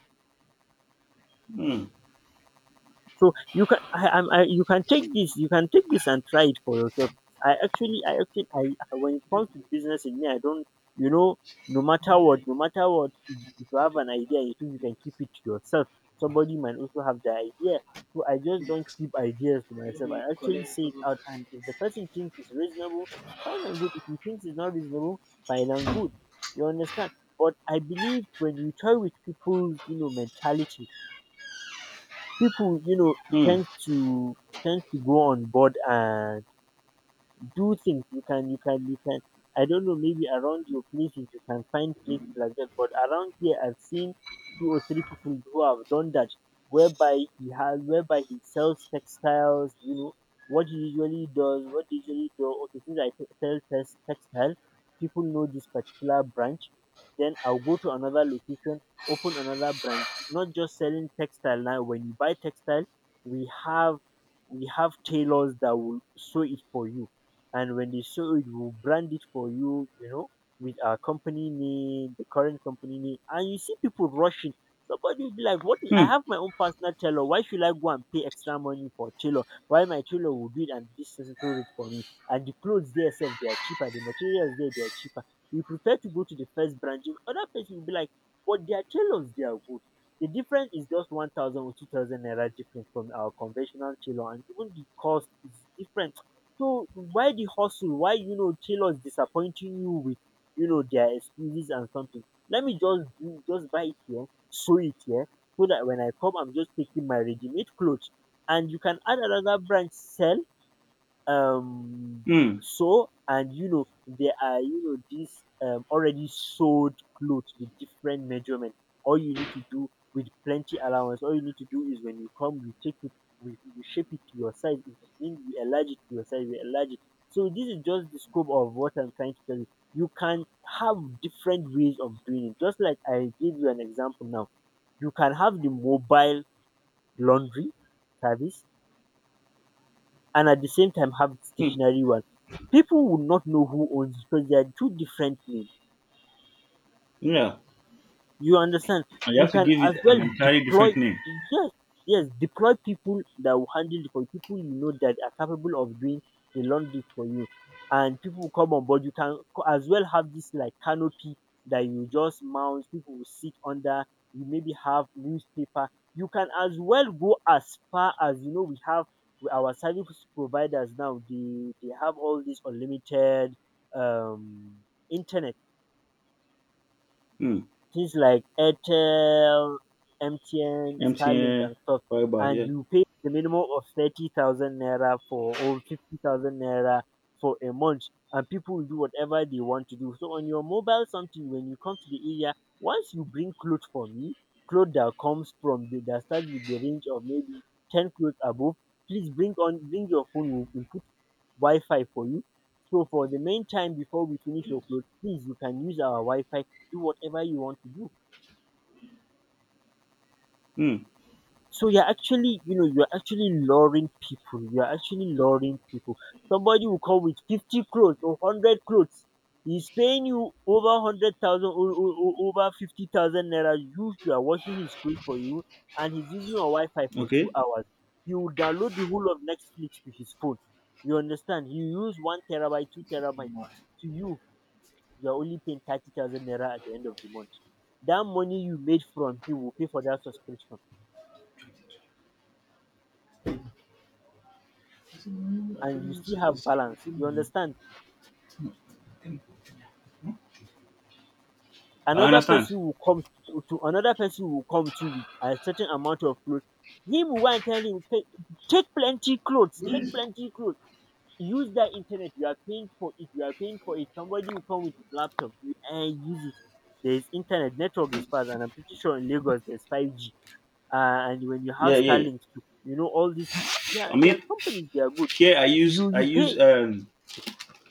Mm.
So you can, you can take this, and try it for yourself. I actually I actually I- When it comes to business in me, I don't, you know, no matter what, if you have an idea, you think you can keep it to yourself. Somebody might also have the idea. So I just don't keep ideas to myself. I actually say it out, and if the person thinks it's reasonable, fine and good. If he thinks it's not reasonable, fine and good. You understand? But I believe when you toy with people's, you know, mentality, pipo
Mm.
ten d to ten d to go on board and do things. You can. I don't know, maybe around your places you can find places like that. But around here, I've seen two or three people who have done that, whereby whereby he sells textiles. You know what he usually does. What he usually do. Okay, since I sell textile, people know this particular branch. Then I'll go to another location, open another branch. Not just selling textile now. When you buy textile, we have we have tailors that will sew it for you, and when they sew it, we'll brand it for you, you know, with our company name, the current company name. And you see people rushing. Somebody will be like, what, I
Mm.
have my own personal tailor, why should I go and pay extra money for tailor? Why, my tailor will do it and this, sew it for me, and the clothes there same, they are cheaper, the materials there, they are cheaper. You prefer to go to the first brand. Other person will be like, but their tailors, they are good. The difference is just 1000 or 2000 naira difference from our conventional tailor, and even the cost is different. So why the hustle? Why, you know, tailors disappointing you with, you know, their excuses and something? Let me just do, just buy it here, sew it here, so that when I come, I'm just taking my ready-made clothes. And you can add another branch, sell, um
Mm.
so. And you know there are, you know, these already sold clothes with different measurement. All you need to do, with plenty allowance, all you need to do is when you come, you take it. we, we shape it to your size. If it means you enlarge it to your size, we enlarge it. So this is just the scope of what I'm trying to tell you. You can have different ways of doing it, just like I gave you an example now. You can have the mobile laundry service and at the same time have the
Mm.
stationary one. People would not know who owns it because they are two different names.
Yeah.
You understand?
And you
You
have to
can
give it
as well
an entirely different
deploy,
name.
yes, yes, deploy people that will handle it for you, people you know that are capable of doing the laundry for you. And people will come on board. You can as well have this like canopy that you just mount, people will sit under, you maybe have newspaper. You can as well go as far as, you know, we have with our service providers now, they have all this unlimited um internet
Mm.
things like Airtel, MTN, Starlink,
MTN
and stuff,
fiber,
and
yeah.
you pay the minimum of 30,000 naira for, or 50,000 naira for a month, and people will do whatever they want to do. So, on your mobile something, when you come to the area, once you bring clothes for me, clothes that comes from the that starts with the range of maybe 10 clothes above, please bring on, bring your phone, we'll input Wi Fi for you. So, for the main time before we finish your clothes, please, you can use our Wi Fi, do whatever you want to do.
Mm.
So you're actually, you know, you're actually luring people. You're actually luring people. Somebody will come with 50 clothes or 100 clothes. He's paying you over over 50,000 naira. You are washing his clothes for you, and he's using your Wi Fi for two
Okay.
hours. You will download the whole of Netflix to his phone. You understand? You use one terabyte, two terabyte to you. You're only paying 30,000 naira at the end of the month. That money you made from him will pay for that subscription, and you still have balance. You understand?
I
Another
understand.
person will come another person will come to with a certain amount of clothes. Him will go and tell him, take, take plenty clothes, take plenty clothes. Use that internet. You are paying for it. You are paying for it. Somebody will come with his laptop and use it. There is internet. Network is fast, and I'm pretty sure in Lagos there's 5G, and when you have
Yeah, yeah.
Starlink too, you know all these. Yeah,
I
there are
mean
companies, they are good.
here I use
You
I
you
use
pay,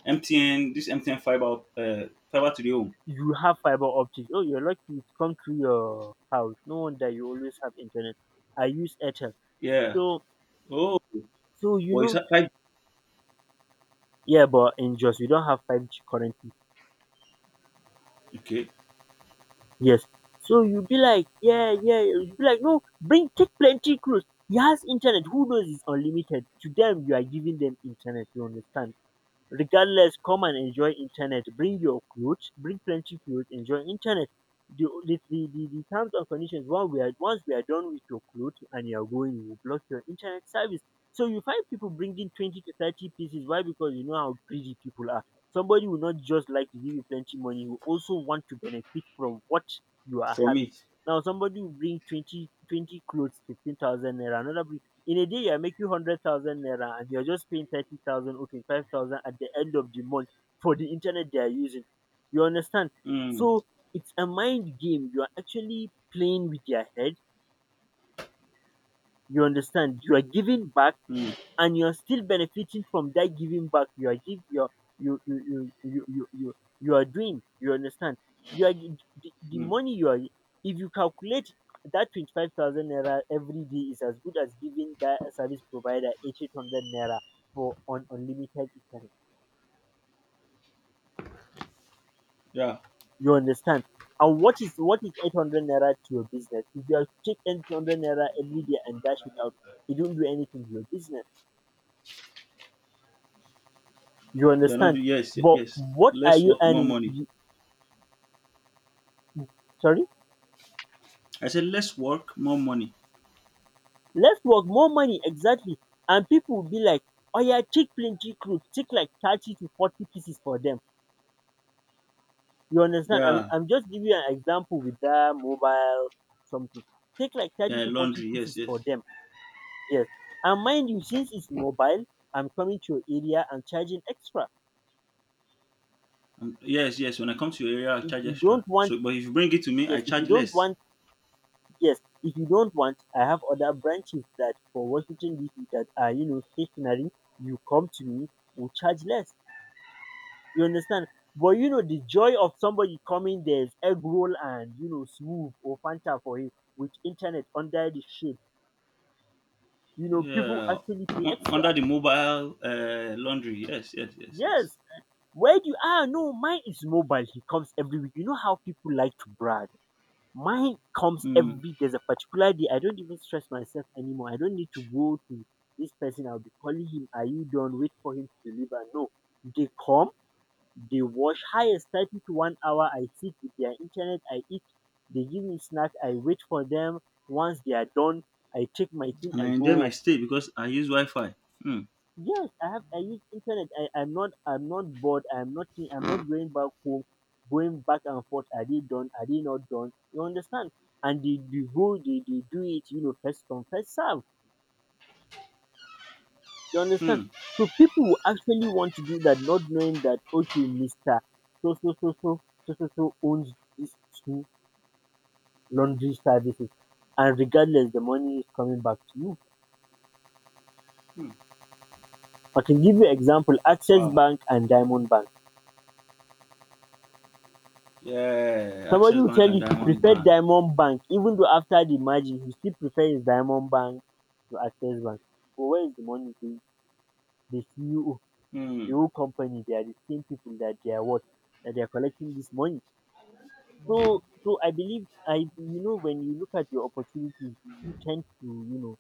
MTN fiber to the home.
you have fiber optics. Oh, you're lucky it come through your house. No wonder you always have internet. I use Airtel,
Yeah.
so,
Oh,
so you
well it's
know,
like
yeah, but in just, we don't have five G currently.
okay.
Yes, so you be like, yeah yeah, you be like, no, bring, take plenty clothes. He has internet. Who knows, it's unlimited? To them, you are giving them internet. You understand? Regardless, come and enjoy internet, bring your clothes, bring plenty clothes, enjoy internet. The terms and conditions, once we are done with your clothes and you are going, we will block your internet service. So you find people bringing 20 to 30 pieces. Why? Because you know how greedy people are. Somebody will not just like to give you plenty money, will also want to benefit from what you are
For
having.
me.
Now somebody will bring 20 20 clothes, 15,000 naira, another will, in a day you are making 100,000 naira, and you're just paying 30,000, okay, 5,000 at the end of the month for the internet they are using. You understand?
Mm.
So it's a mind game. You are actually playing with your head. You understand? You are giving back,
Mm.
and you're still benefiting from that giving back. You are give, you're, you you are doing. You understand? you are gi- the
Mm.
money you are, if you calculate that 25,000 naira every day, is as good as giving that service provider 800 naira for on unlimited internet.
Yeah.
You understand? And what is 800 naira to your business? If you are to take 800 naira every day and dash it out, it don't do anything to your business. You
You're not.
understand?
Yes,
But
yes.
what are
Less
you
work, more
earning?
money.
Sorry?
I said less work, more money.
Less work, more money, exactly. And people will be like, oh yeah, take plenty clothes, take like 30 to 40 pieces for them. You understand?
Yeah,
I'm just giving you an example with that mobile something. Take like 30
yeah.
to 40
Laundry. Yes,
pieces
yes.
for them. Yes. And mind you, since it's mobile, I'm coming to your area and charging extra.
Yes, yes. When I come to your area, I
If
charge
you
extra.
don't want,
So, but if you bring it to me,
yes,
I
if you
charge
don't
less.
want, yes, if you don't want, I have other branches that for Washington DC that are, you know, stationary. You come to me, we'll charge less. You understand? But you know, the joy of somebody coming, there's egg roll and, you know, smooth or Fanta for him, with internet under the shade. You know, people
Yeah.
actually pay
Under
extra.
the mobile laundry. Yes, yes, yes, yes.
Yes. Where do you, ah no, mine is mobile. He comes every week. You know how people like to brag. Mine comes
Mm.
every, there's a particular day. I don't even stress myself anymore. I don't need to go to this person. I'll be calling him, are you done? Wait for him to deliver. No. They come, they wash, highest 30 to 1 hour. I sit with their internet, I eat. They give me snack, I wait for them. Once they are done, I take my thing,
And I
I go
enjoy my
home.
stay because I use Wi-Fi. Mm.
Yes, I have, I use internet. I'm not bored. I'm not going back home, going back and forth. Are they done? Are they not done? You understand? And they go, they do it, you know, first come, first serve. You understand?
Mm.
So people who actually want to do that, not knowing that, okay, Mister so owns this laundry services, and regardless, the money is coming back to you.
Mm.
I can give you example, Access
Wow.
Bank and Diamond Bank.
Yeah.
Somebody
Access
will
Bank
tell
and
you he
Diamond
preferred
Bank.
Diamond Bank, even though after the margin he still prefers Diamond Bank to Access Bank. But where is the money going? The CEO,
Hmm.
the whole company, they are the same people that they are what? That they are collecting this money. So I believe, I, you know, when you look at your opportunities, you tend to,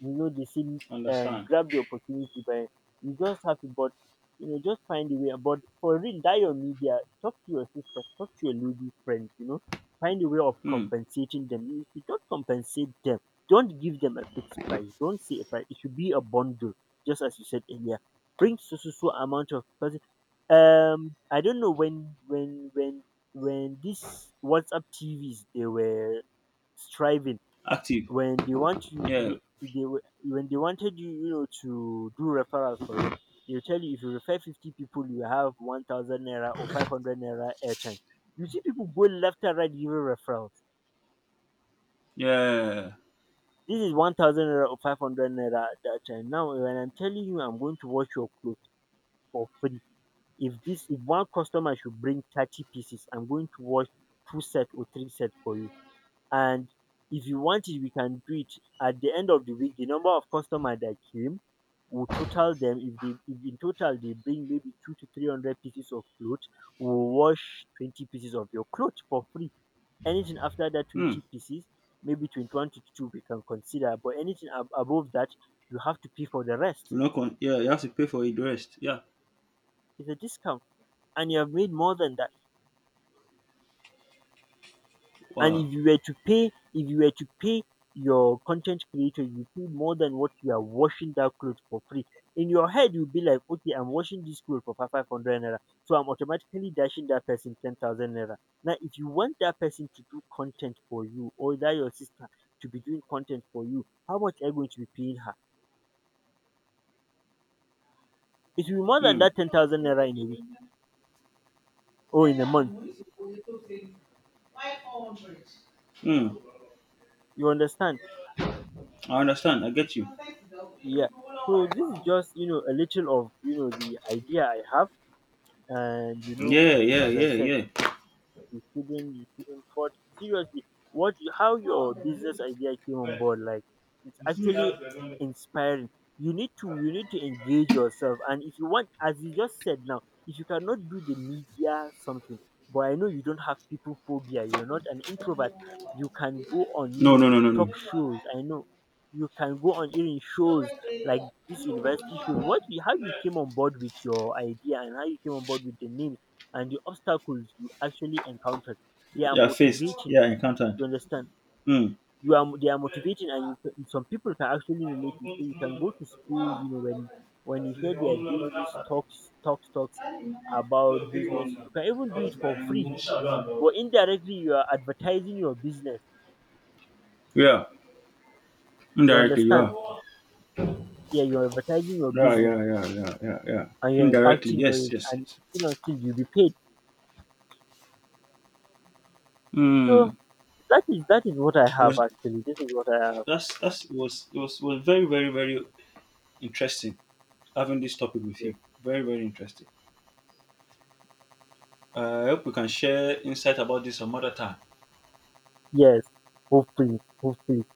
you know they see and
Understand.
grab the opportunity by, you just have to, but you know, just find a way, but for real, that your media, talk to your sister, talk to your lady friends, you know, find a way of
Hmm.
compensating them. If you don't compensate them, don't give them a fixed price, don't say a price, it should be a bundle, just as you said earlier, bring so so so amount of person. I don't know when, when these WhatsApp TVs, they were striving,
Active.
when they want you,
Yeah.
they when they wanted you, you know, to do referrals for them, they'll tell you, if you refer 50 people, you have 1000 naira or 500 naira airtime. You see people go left and right giving referrals.
Yeah.
This is 1000 naira or 500 naira at that time. Now when I'm telling you I'm going to wash your clothes for free, if this, if one customer should bring 30 pieces, I'm going to wash two sets or three sets for you, and if you want it, we can do it. At the end of the week, the number of customer that came, we'll total them. If they, if in total they bring maybe 2 to 300 pieces of clothes, we'll wash 20 pieces of your clothes for free. Anything after that
Hmm.
20 pieces, maybe 21 to 22 we can consider, but anything above that, you have to pay for the rest.
You know, yeah, you have to pay for it the rest. Yeah.
It's a discount, and you have made more than that. And
Wow.
if you were to pay, if you were to pay your content creator, you pay more than what you are washing that clothes for free. In your head you'll be like, okay, I'm washing this clothes for 500 naira, so I'm automatically dashing that person 10,000 naira. Now if you want that person to do content for you, or that your sister to be doing content for you, how much are you going to be paying her? It will be more than
Hmm.
that 10,000 naira in a week or in a month.
Hmm.
You understand?
I understand. I get you.
Yeah. So this is just, you know, a little of, you know, the idea I have, and you know,
Yeah. Yeah.
as I
Yeah.
said,
Yeah.
you shouldn't, but seriously, how your business idea came on board, like, it's actually inspiring. You need to engage yourself, and if you want, as you just said now, if you cannot do the media something, but I know you don't have people phobia, you're not an introvert, you can go on, you
No. No.
know,
No. No. No.
talk shows, I know. You can go on even shows like this, university shows, how you came on board with your idea, and how you came on board with the name, and the obstacles you actually encountered, they are
Yeah. Faced.
motivating.
Yeah. Encountered.
You understand?
Hmm.
You are, they are motivating, and some people can actually relate to, so you can go to school, you know, when you hear they are doing these talks talks talks about business, you can even do it for free, but indirectly, you are advertising your business.
Yeah.
You
Indirectly, you
understand?
are.
Yeah, you're advertising your
Yeah,
business,
yeah, yeah, yeah, yeah, yeah.
and you're
Indirectly,
impacting
yes,
knowledge,
yes,
and
yes.
still, until, you know, you'll be paid. So
Mm.
that is, that is what I have
was
actually, this is what I have
that's was it was very, very, very interesting having this topic with
here.
you. Very, very interesting. I hope we can share insight about this some other time.
Yes, hopefully, hopefully,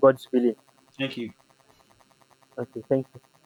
God's willing.
Thank you.
Okay, thank you.